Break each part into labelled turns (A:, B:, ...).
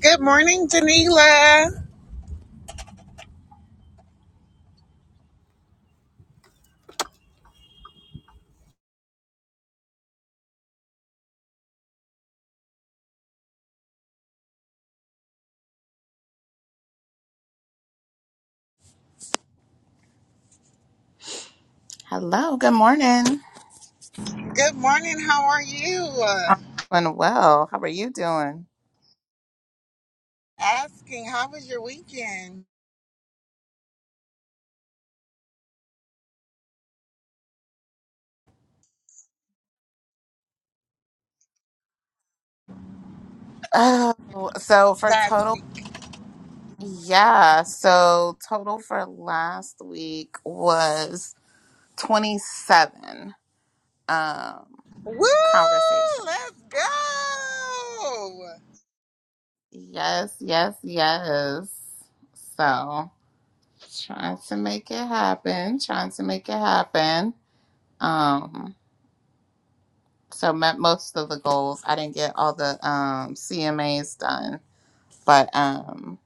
A: Good morning, Danila.
B: Hello, good morning.
A: Good morning. How are you? Uh,
B: Doing well. How are you doing?
A: Asking, how was your weekend
B: Oh, so for
A: last
B: total,
A: week?
B: yeah. So total for last week was 27 um
A: Woo!
B: conversation.
A: Let's go!
B: Yes, yes, yes. So trying to make it happen, trying to make it happen. Um so met most of the goals. I didn't get all the um CMAs done, but um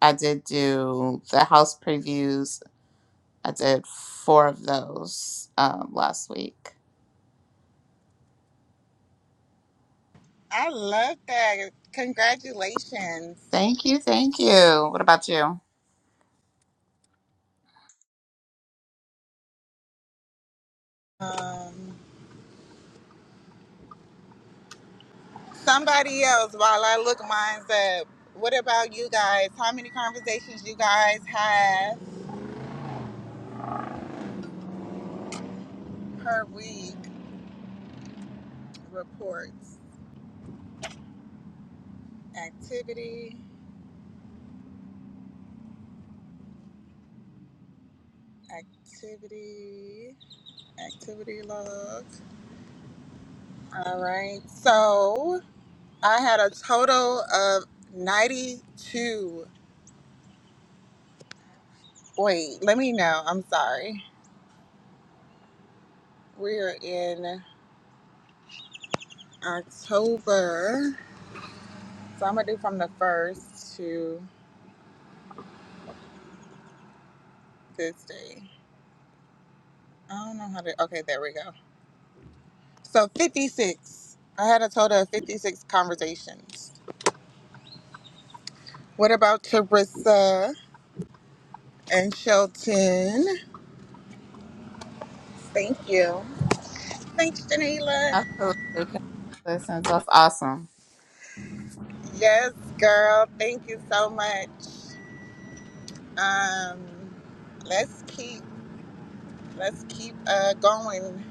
B: I did do the house previews. I did four of those um, last week.
A: I love that. Congratulations.
B: Thank you, thank you. What about you?
A: Um, somebody else, while I look mines up, what about you guys? How many conversations you guys have per week? Reports, activity, activity, activity log. All right. So I had a total of 92. Wait, let me know. I'm sorry. We're in October. So I'm going to do from the first to this day. I don't know how to. Okay, there we go. So 56. I had a total of 56 conversations. What about Teresa and Shelton? Thank you. Thanks, Janila.
B: Absolutely. Congratulations. That's awesome.
A: Yes, girl. Thank you so much. um, let's keep let's keep uh, going.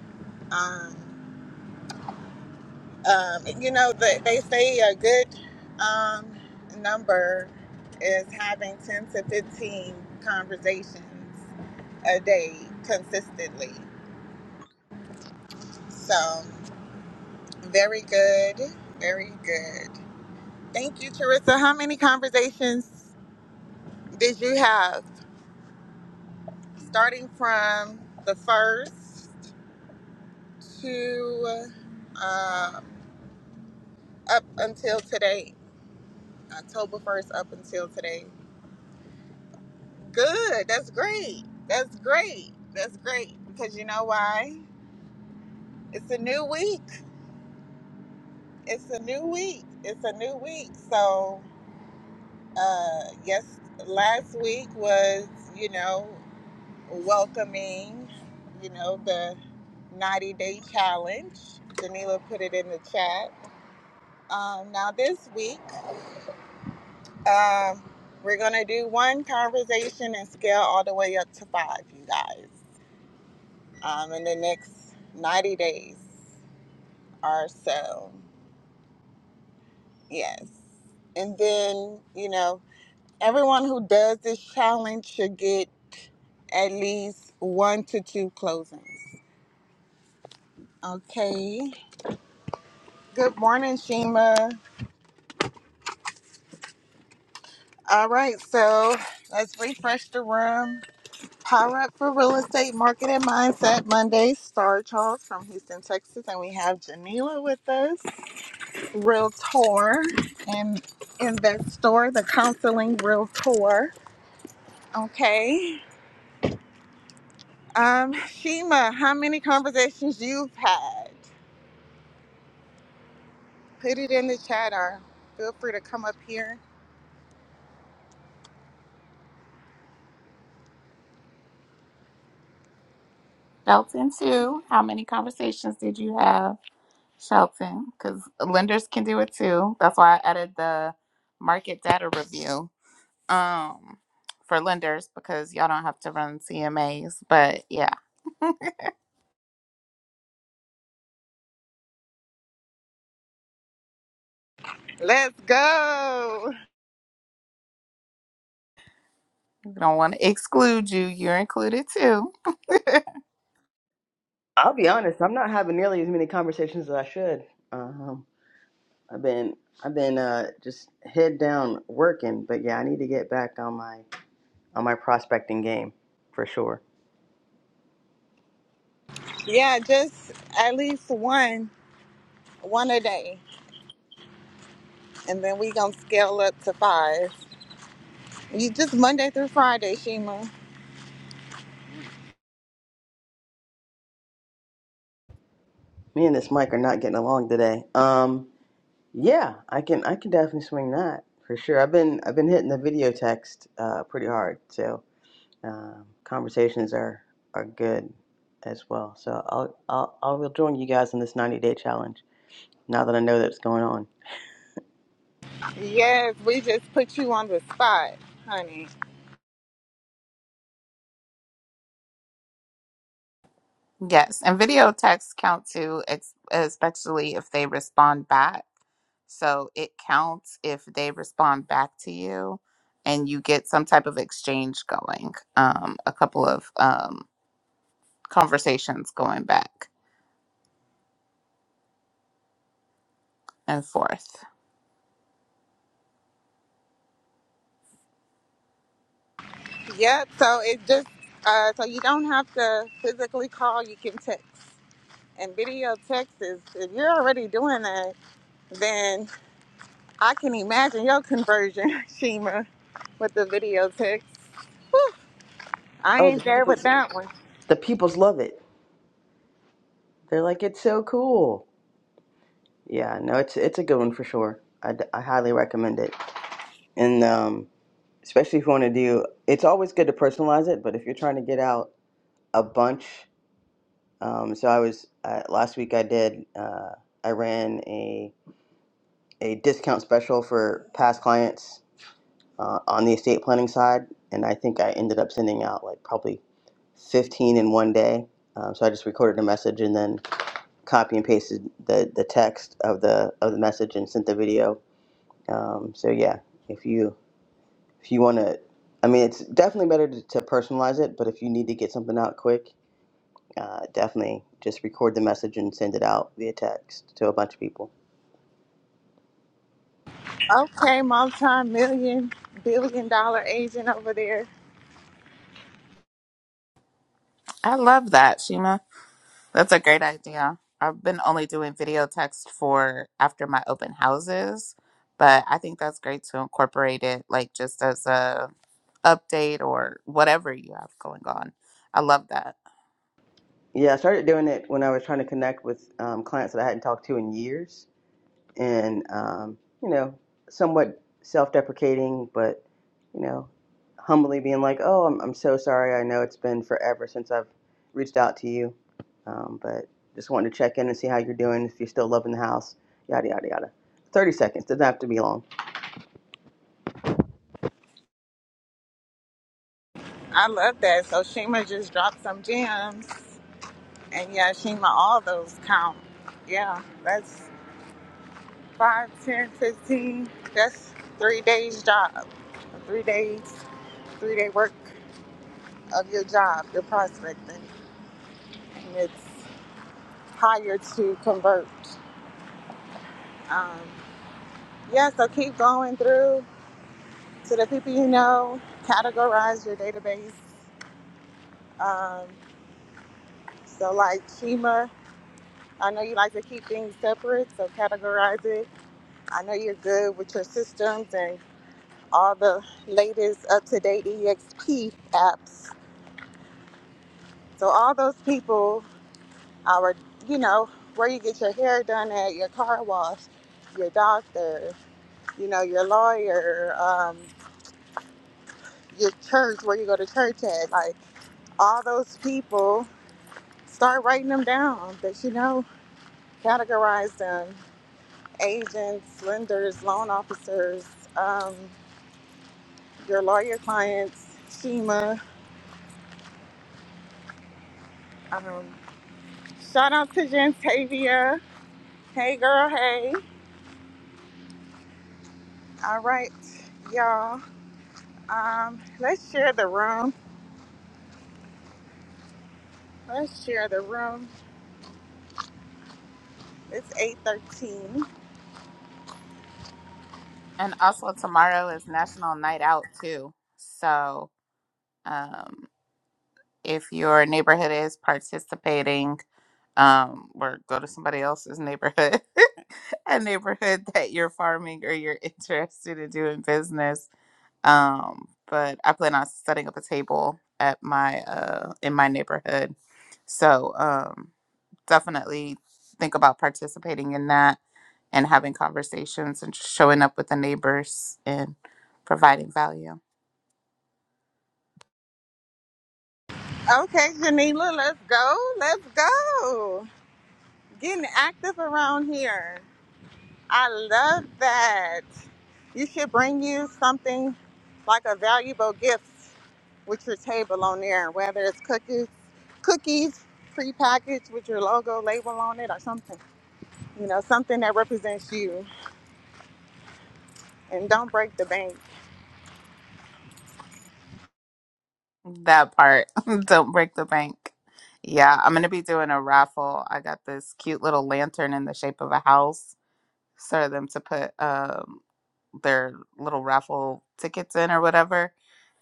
A: Um, um, you know that they say a good um, number is having ten to fifteen conversations a day consistently. So very good, very good. Thank you, Teresa. How many conversations did you have, starting from the first to? uh, up until today, October 1st up until today. Good. That's great. That's great. That's great. Because you know why? It's a new week. It's a new week. It's a new week. So, uh, yes, last week was, you know, welcoming, you know, the 90 day challenge. Danila put it in the chat. Um, now, this week, Um, we're gonna do one conversation and scale all the way up to five, you guys, um, in the next 90 days or so. Yes. And then, you know, everyone who does this challenge should get at least one to two closings. Okay. Good morning, Shima. All right, so let's refresh the room. Power Up for Real Estate Market and Mindset Monday, Star Charles from Houston, Texas, and we have Janila with us, Realtor and Investor, the Counseling Realtor. Okay. Um, Shima, how many conversations you've had? Put it in the chat or feel free to come up here.
B: Shelton, too. How many conversations did you have, Shelton? Because lenders can do it too. That's why I added the market data review um, for lenders because y'all don't have to run CMAs. But yeah,
A: Let's go.
B: we don't want to exclude you. You're included too.
C: I'll be honest. I'm not having nearly as many conversations as I should. Um, I've been I've been uh, just head down working, but yeah, I need to get back on my on my prospecting game for sure.
A: Yeah, just at least one, one a day. And then we gonna scale up to five. You just Monday through Friday, Shima.
C: Me and this Mike are not getting along today. Um, yeah, I can I can definitely swing that for sure. I've been I've been hitting the video text uh, pretty hard, so um, conversations are are good as well. So I'll I'll I'll join you guys in this 90 day challenge now that I know that's going on.
A: Yes, we just put you on the spot, honey.
B: Yes, and video texts count too, ex- especially if they respond back. So it counts if they respond back to you and you get some type of exchange going, um, a couple of um, conversations going back and forth.
A: Yep. So it just uh, so you don't have to physically call. You can text. And video text is if you're already doing that, then I can imagine your conversion, Shima, with the video text. Whew, I
C: Oh,
A: ain't
C: the
A: there
C: people.
A: with that one.
C: The peoples love it. They're like, it's so cool. Yeah, no, it's it's a good one for sure. I, d- I highly recommend it. And um, especially if you want to do, it's always good to personalize it. But if you're trying to get out a bunch, um, so I was uh, last week. I did. Uh, I ran a a discount special for past clients uh, on the estate planning side, and I think I ended up sending out like probably 15 in one day. Um, so I just recorded a message and then copy and pasted the, the text of the of the message and sent the video. Um, so yeah, if you if you want to, I mean, it's definitely better to, to personalize it. But if you need to get something out quick, uh, definitely just record the message and send it out via text to a bunch of people.
A: Okay, multi-million billion dollar agent over there.
B: I love that, Shima. That's a great idea. I've been only doing video text for after my open houses, but I think that's great to incorporate it like just as a update or whatever you have going on. I love that.
C: Yeah, I started doing it when I was trying to connect with um, clients that I hadn't talked to in years and um, you know, somewhat self-deprecating, but you know, humbly being like, "Oh, I'm, I'm so sorry. I know it's been forever since I've reached out to you, um, but just wanted to check in and see how you're doing. If you're still loving the house, yada yada yada." Thirty seconds doesn't have to be long.
A: I love that. So Shima just dropped some gems. and Yashima, all those count. Yeah, that's 5, 10, 15. That's three days job. Three days, three day work of your job, your prospecting. And it's higher to convert. Um, yeah, so keep going through to the people you know, categorize your database. Um, so like Shima, I know you like to keep things separate, so categorize it. I know you're good with your systems and all the latest up to date EXP apps. So, all those people are, you know, where you get your hair done at, your car wash, your doctor, you know, your lawyer, um, your church, where you go to church at. Like, all those people, start writing them down that you know, categorize them. Agents, lenders, loan officers, um, your lawyer clients, Shima. Um, shout out to Jantavia Hey, girl. Hey. All right, y'all. Um, let's share the room. Let's share the room. It's eight thirteen.
B: And also tomorrow is National Night Out too. So um, if your neighborhood is participating, um, or go to somebody else's neighborhood, a neighborhood that you're farming or you're interested in doing business. Um, but I plan on setting up a table at my uh in my neighborhood. So um, definitely think about participating in that and having conversations and showing up with the neighbors and providing value.
A: Okay, Janila, let's go. Let's go. Getting active around here. I love that. You should bring you something like a valuable gift with your table on there, whether it's cookies, cookies prepackaged with your logo label on it or something. You know, something that represents you. And don't break the bank.
B: That part, don't break the bank. Yeah, I'm going to be doing a raffle. I got this cute little lantern in the shape of a house for them to put um, their little raffle tickets in or whatever.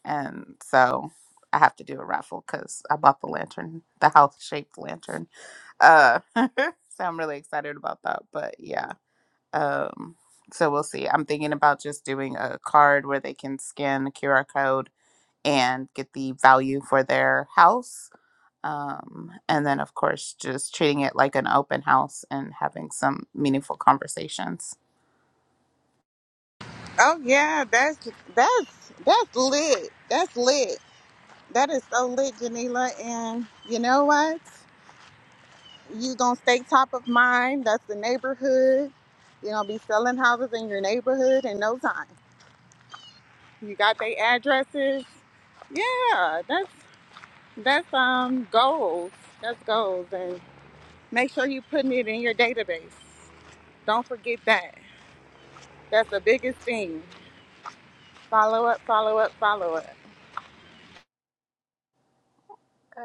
B: and so I have to do a raffle because I bought the lantern, the house shaped lantern. Uh, so I'm really excited about that. But yeah, um, so we'll see. I'm thinking about just doing a card where they can scan the QR code and get the value for their house. Um, and then of course just treating it like an open house and having some meaningful conversations.
A: Oh yeah, that's that's that's lit. That's lit. That is so lit, Janila. And you know what? You gonna stay top of mind. That's the neighborhood. You gonna be selling houses in your neighborhood in no time. You got their addresses. Yeah, that's that's um goals. That's goals. And make sure you putting it in your database. Don't forget that. That's the biggest thing. Follow up, follow up, follow up.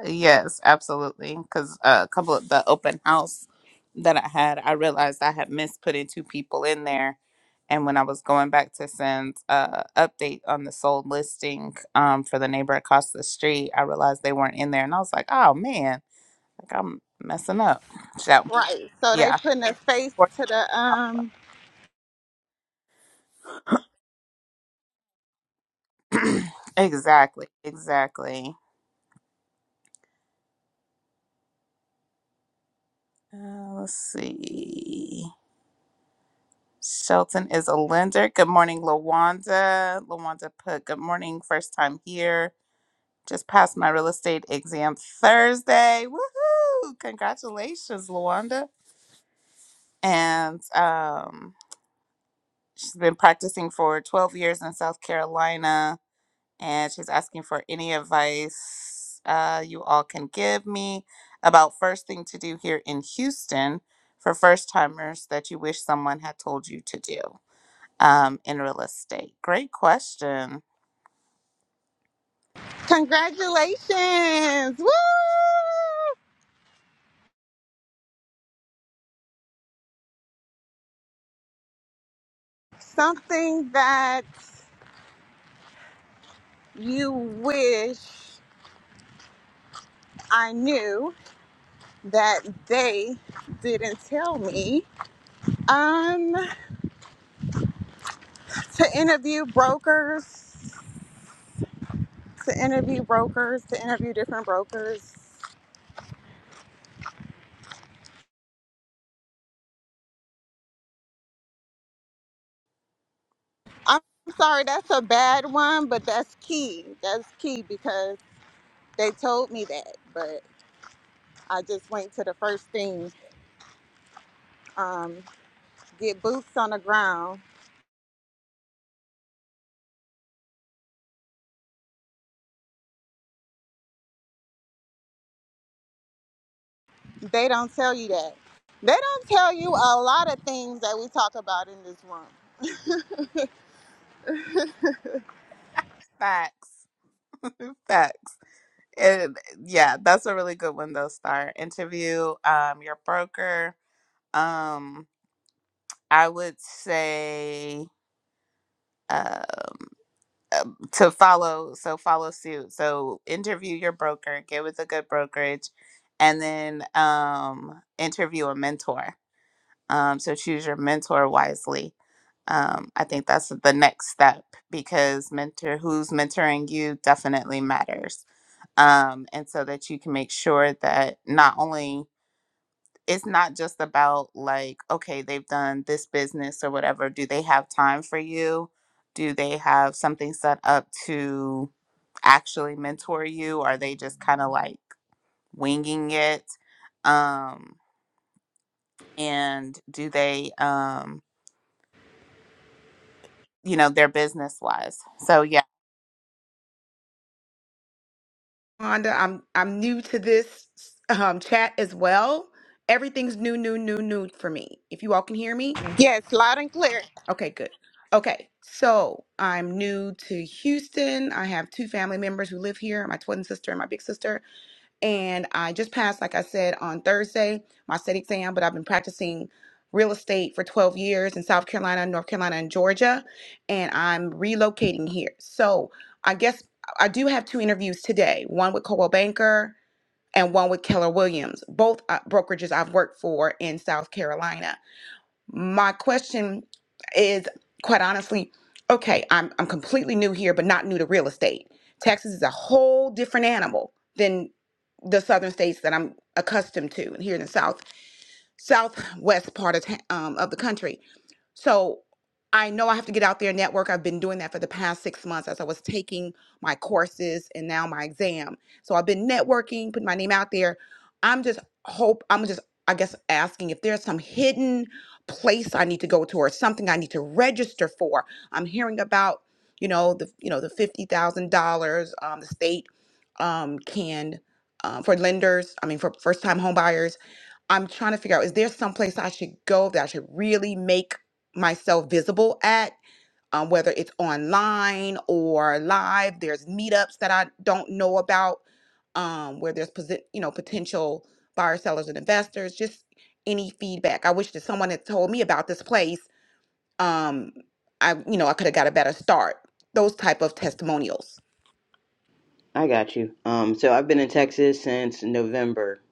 B: Yes, absolutely. Because a couple of the open house that I had, I realized I had missed putting two people in there. And when I was going back to send a update on the sold listing um, for the neighbor across the street, I realized they weren't in there, and I was like, "Oh man, like I'm messing up." So
A: Right. So they
B: yeah,
A: putting a face
B: worked
A: to the
B: out.
A: um
B: exactly, exactly. Uh, let's see. Shelton is a lender. Good morning, Lawanda. Lawanda put good morning, first time here. Just passed my real estate exam Thursday. Woohoo! Congratulations, Lawanda. And um, she's been practicing for 12 years in South Carolina, and she's asking for any advice uh, you all can give me about first thing to do here in Houston for first timers that you wish someone had told you to do. um, in real estate? Great question.
A: congratulations. Woo! Something that you wish I knew that they didn't tell me. Um to interview brokers, to interview brokers, to interview different brokers. I'm sorry, that's a bad one, but that's key. That's key because they told me that. but. I just went to the first thing. Um, get boots on the ground. They don't tell you that. They don't tell you a lot of things that we talk about in this room.
B: Facts. Facts. And yeah, that's a really good one though, Star. Interview um, your broker. Um, I would say um, um, to follow, so follow suit. So interview your broker, get with a good brokerage, and then um, interview a mentor. Um, so choose your mentor wisely um, I think that's the next step because mentor who's mentoring you definitely matters. Um, and so that you can make sure that not only it's not just about like, okay, they've done this business or whatever. Do they have time for you? Do they have something set up to actually mentor you? Are they just kind of like winging it? Um, and do they, um, you know, their business wise? So,
D: Wanda. I'm I'm new to this um, chat as well. Everything's new, new, new, new for me. If you all can hear me,
A: Yes, loud and clear.
D: okay, good. Okay, so I'm new to Houston. I have two family members who live here, my twin sister and my big sister. And I just passed, like I said, on Thursday, my state exam, but I've been practicing real estate for 12 years in South Carolina, North Carolina, and Georgia. And I'm relocating here. So I guess I do have two interviews today, one with Coldwell Banker and one with Keller Williams, both uh, brokerages I've worked for in South Carolina. My question is quite honestly okay, I'm, I'm completely new here, but not new to real estate. Texas is a whole different animal than the southern states that I'm accustomed to and here in the south southwest part of ta- um, of the country so I know I have to get out there and network. I've been doing that for the past six months as I was taking my courses and now my exam. So I've been networking, putting my name out there. I'm just hope I'm just I guess asking if there's some hidden place I need to go to or something I need to register for. I'm hearing about you know the you know the fifty thousand dollars um, the state um, can um, for lenders. I mean for first time homebuyers I'm trying to figure out is there some place I should go that I should really make myself visible at, um, whether it's online or live. There's meetups that I don't know about um, where there's posi- you know potential buyers, sellers, and investors. Just any feedback. I wish that someone had told me about this place. Um, I you know I could have got a better start. Those type of testimonials.
C: I got you. Um, so I've been in Texas since November,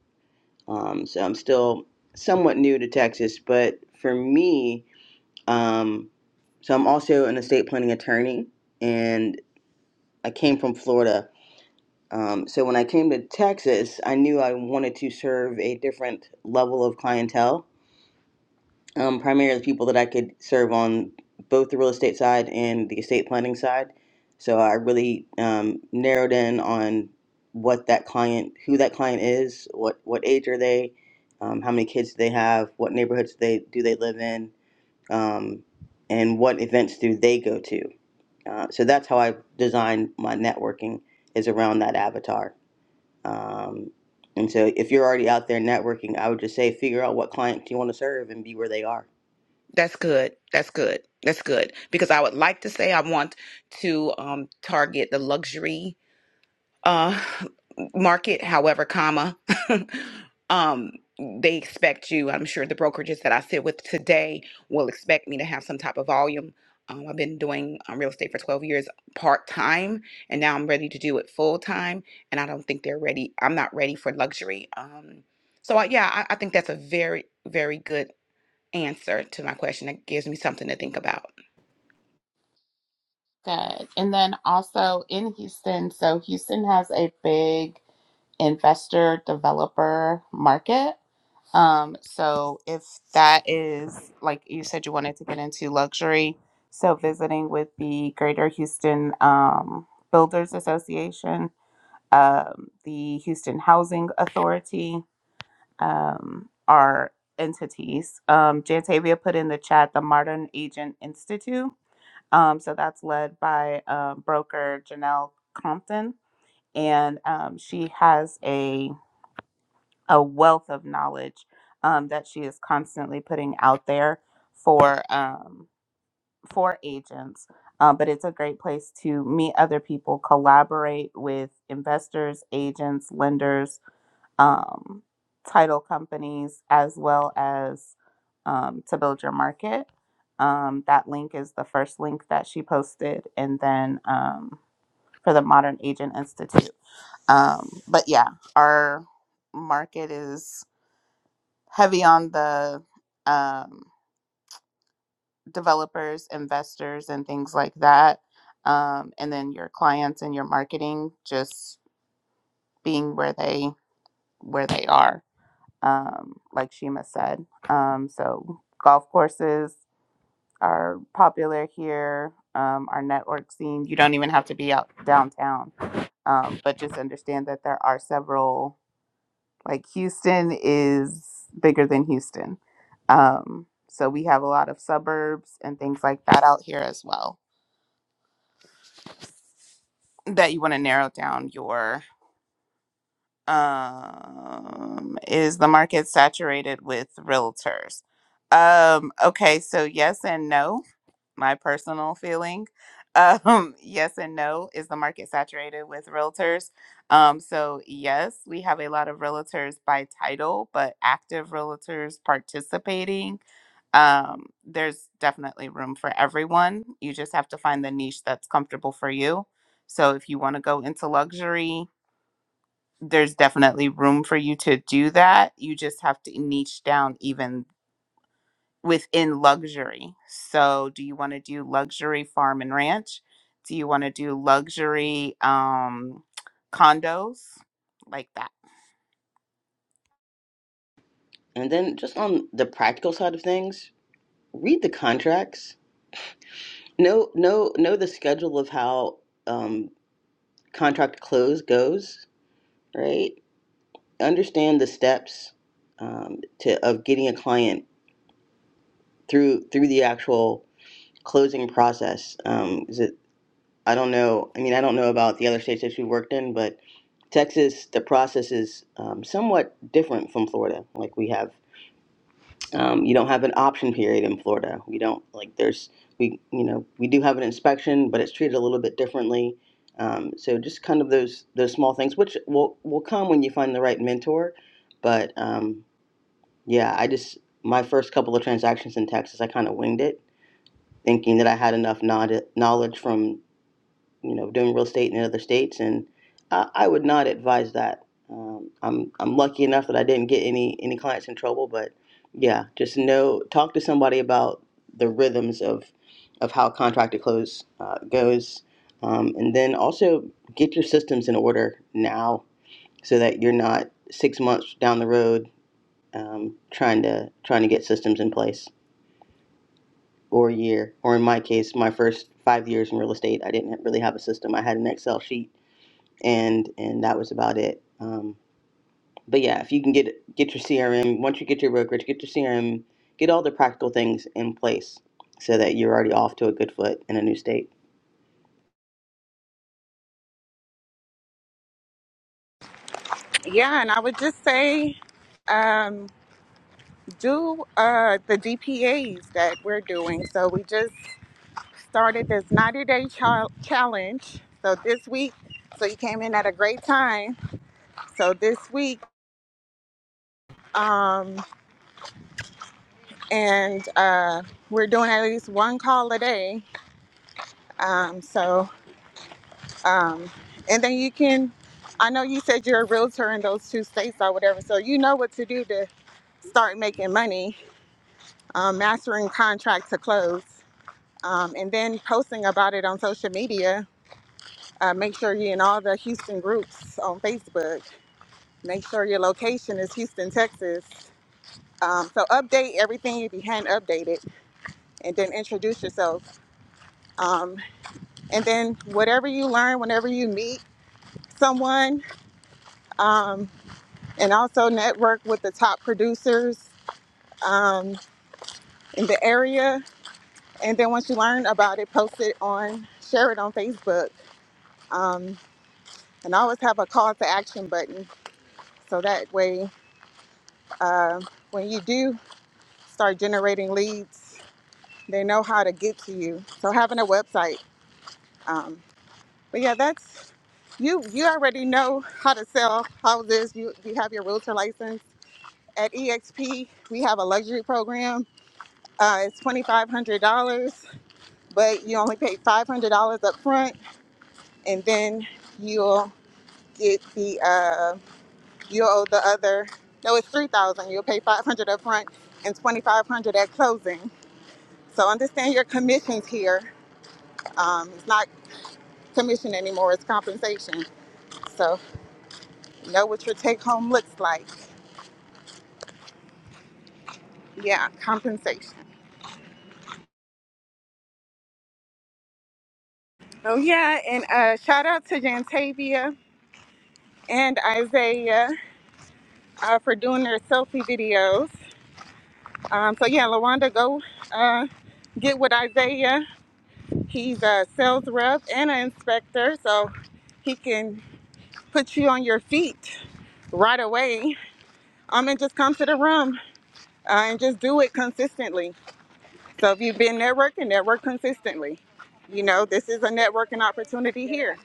C: um, so I'm still somewhat new to Texas, but for me, um, so I'm also an estate planning attorney. and. I came from Florida. Um, so when I came to Texas, I knew I wanted to serve a different level of clientele, um, primarily people that I could serve on both the real estate side and the estate planning side. So I really um, narrowed in on what that client, who that client is, what what age are they, um, how many kids do they have, what neighborhoods they do they live in, um, and what events do they go to. Uh, so that's how I design my networking is around that avatar. Um, and so if you're already out there networking, I would just say figure out what client you want to serve and be where they are.
D: That's good. That's good. That's good because I would like to say I want to um, target the luxury uh, market, however, comma. um, they expect you, I'm sure the brokerages that I sit with today will expect me to have some type of volume. Um, I've been doing um, real estate for 12 years part time, and now I'm ready to do it full time. And I don't think they're ready. I'm not ready for luxury. Um, so, I, yeah, I, I think that's a very, very good answer to my question. It gives me something to think about.
B: Good. And then also in Houston, so Houston has a big investor developer market. Um, so if that is like you said, you wanted to get into luxury, so visiting with the Greater Houston um, Builders Association, um, the Houston Housing Authority um, are entities. Um, Jantavia put in the chat the Modern Agent Institute um, so that's led by um, broker Janelle Compton, and um, she has a a wealth of knowledge um, that she is constantly putting out there for um, for agents. Um, but it's a great place to meet other people, collaborate with investors, agents, lenders, um, title companies as well as um, to build your market. Um, that link is the first link that she posted, and then um, for the Modern Agent Institute. Um, but yeah, our market is heavy on the um, developers, investors, and things like that. Um, and then your clients and your marketing just being where they where they are um, like Shima said. Um, so golf courses are popular here. Um, our network scene, you don't even have to be out downtown, um, but just understand that there are several, like Houston is bigger than Houston. Um, so we have a lot of suburbs and things like that out here as well that you want to narrow down your um is the market saturated with realtors um okay so yes and no my personal feeling. Um, yes and no. Is the market saturated with realtors? Um, so, yes, we have a lot of realtors by title, but active realtors participating. Um, there's definitely room for everyone. You just have to find the niche that's comfortable for you. So, if you want to go into luxury, there's definitely room for you to do that. You just have to niche down even within luxury. So, do you want to do luxury farm and ranch? Do you want to do luxury um, condos like that?
C: And then just on the practical side of things, read the contracts. Know know know the schedule of how um, contract close goes. Right. Understand the steps um, to of getting a client through through the actual closing process. Um, is it I don't know. I mean, I don't know about the other states that you worked in, but Texas, the process is um, somewhat different from Florida. Like we have, um, you don't have an option period in Florida. We don't like there's we you know we do have an inspection, but it's treated a little bit differently. Um, so just kind of those those small things, which will will come when you find the right mentor. But um, yeah, I just my first couple of transactions in Texas, I kind of winged it, thinking that I had enough knowd- knowledge from you know, doing real estate in other states, and I, I would not advise that. Um, I'm I'm lucky enough that I didn't get any any clients in trouble, but yeah, just know talk to somebody about the rhythms of of how contract to close uh, goes, um, and then also get your systems in order now so that you're not six months down the road um, trying to trying to get systems in place or a year or in my case my first five years in real estate i didn't really have a system i had an excel sheet and and that was about it. Um, but yeah, if you can get get your CRM, once you get your brokerage, get your CRM, get all the practical things in place so that you're already off to a good foot in a new state.
A: Yeah, and I would just say um, do uh, the DPAs that we're doing. So we just started this 90 day chal- challenge. So this week, so you came in at a great time. So this week, um, and uh, we're doing at least one call a day Um, so, um, and then you can, I know you said you're a realtor in those two states or whatever, so you know what to do to start making money, um, mastering contract to close. Um, and then posting about it on social media. Uh, make sure you're in all the Houston groups on Facebook. Make sure your location is Houston, Texas. Um, so update everything you behind updated, and then introduce yourself. Um, and then whatever you learn, whenever you meet someone, um, and also network with the top producers um, in the area. And then once you learn about it, post it on, share it on Facebook, um, and always have a call to action button. So that way, uh, when you do start generating leads, they know how to get to you. So having a website, um, but yeah, that's you. You already know how to sell houses. You you have your realtor license. At EXP, we have a luxury program Uh, it's twenty five hundred dollars, but you only pay five hundred dollars up front, and then you'll get the uh, you'll owe the other. No, it's three thousand. dollars. You'll pay five hundred dollars up front and twenty five hundred dollars at closing. So understand your commissions here. Um, it's not commission anymore; it's compensation. So know what your take home looks like. Yeah, compensation. Oh yeah, and uh, shout out to Jantavia and Isaiah uh, for doing their selfie videos. Um, so yeah, LaWanda, go uh, get with Isaiah. He's a sales rep and an inspector, so he can put you on your feet right away. Um, and just come to the room uh, and just do it consistently. So if you've been networking, network consistently. You know, this is a networking opportunity here.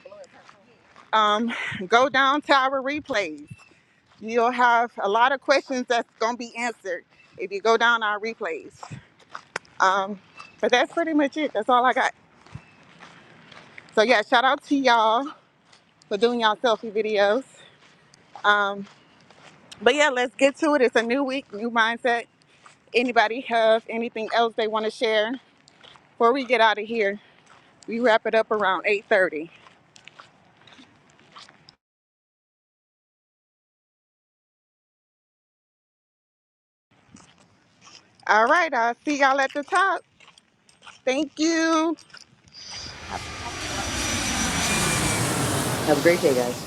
A: Um, go down to our replays. You'll have a lot of questions that's gonna be answered if you go down our replays. Um, but that's pretty much it. That's all I got. So yeah, shout out to y'all for doing y'all selfie videos. Um, but yeah, let's get to it. It's a new week, new mindset. Anybody have anything else they want to share before we get out of here? We wrap it up around 8:30. All right, I'll see y'all at the top. Thank you.
C: Have a great day, guys.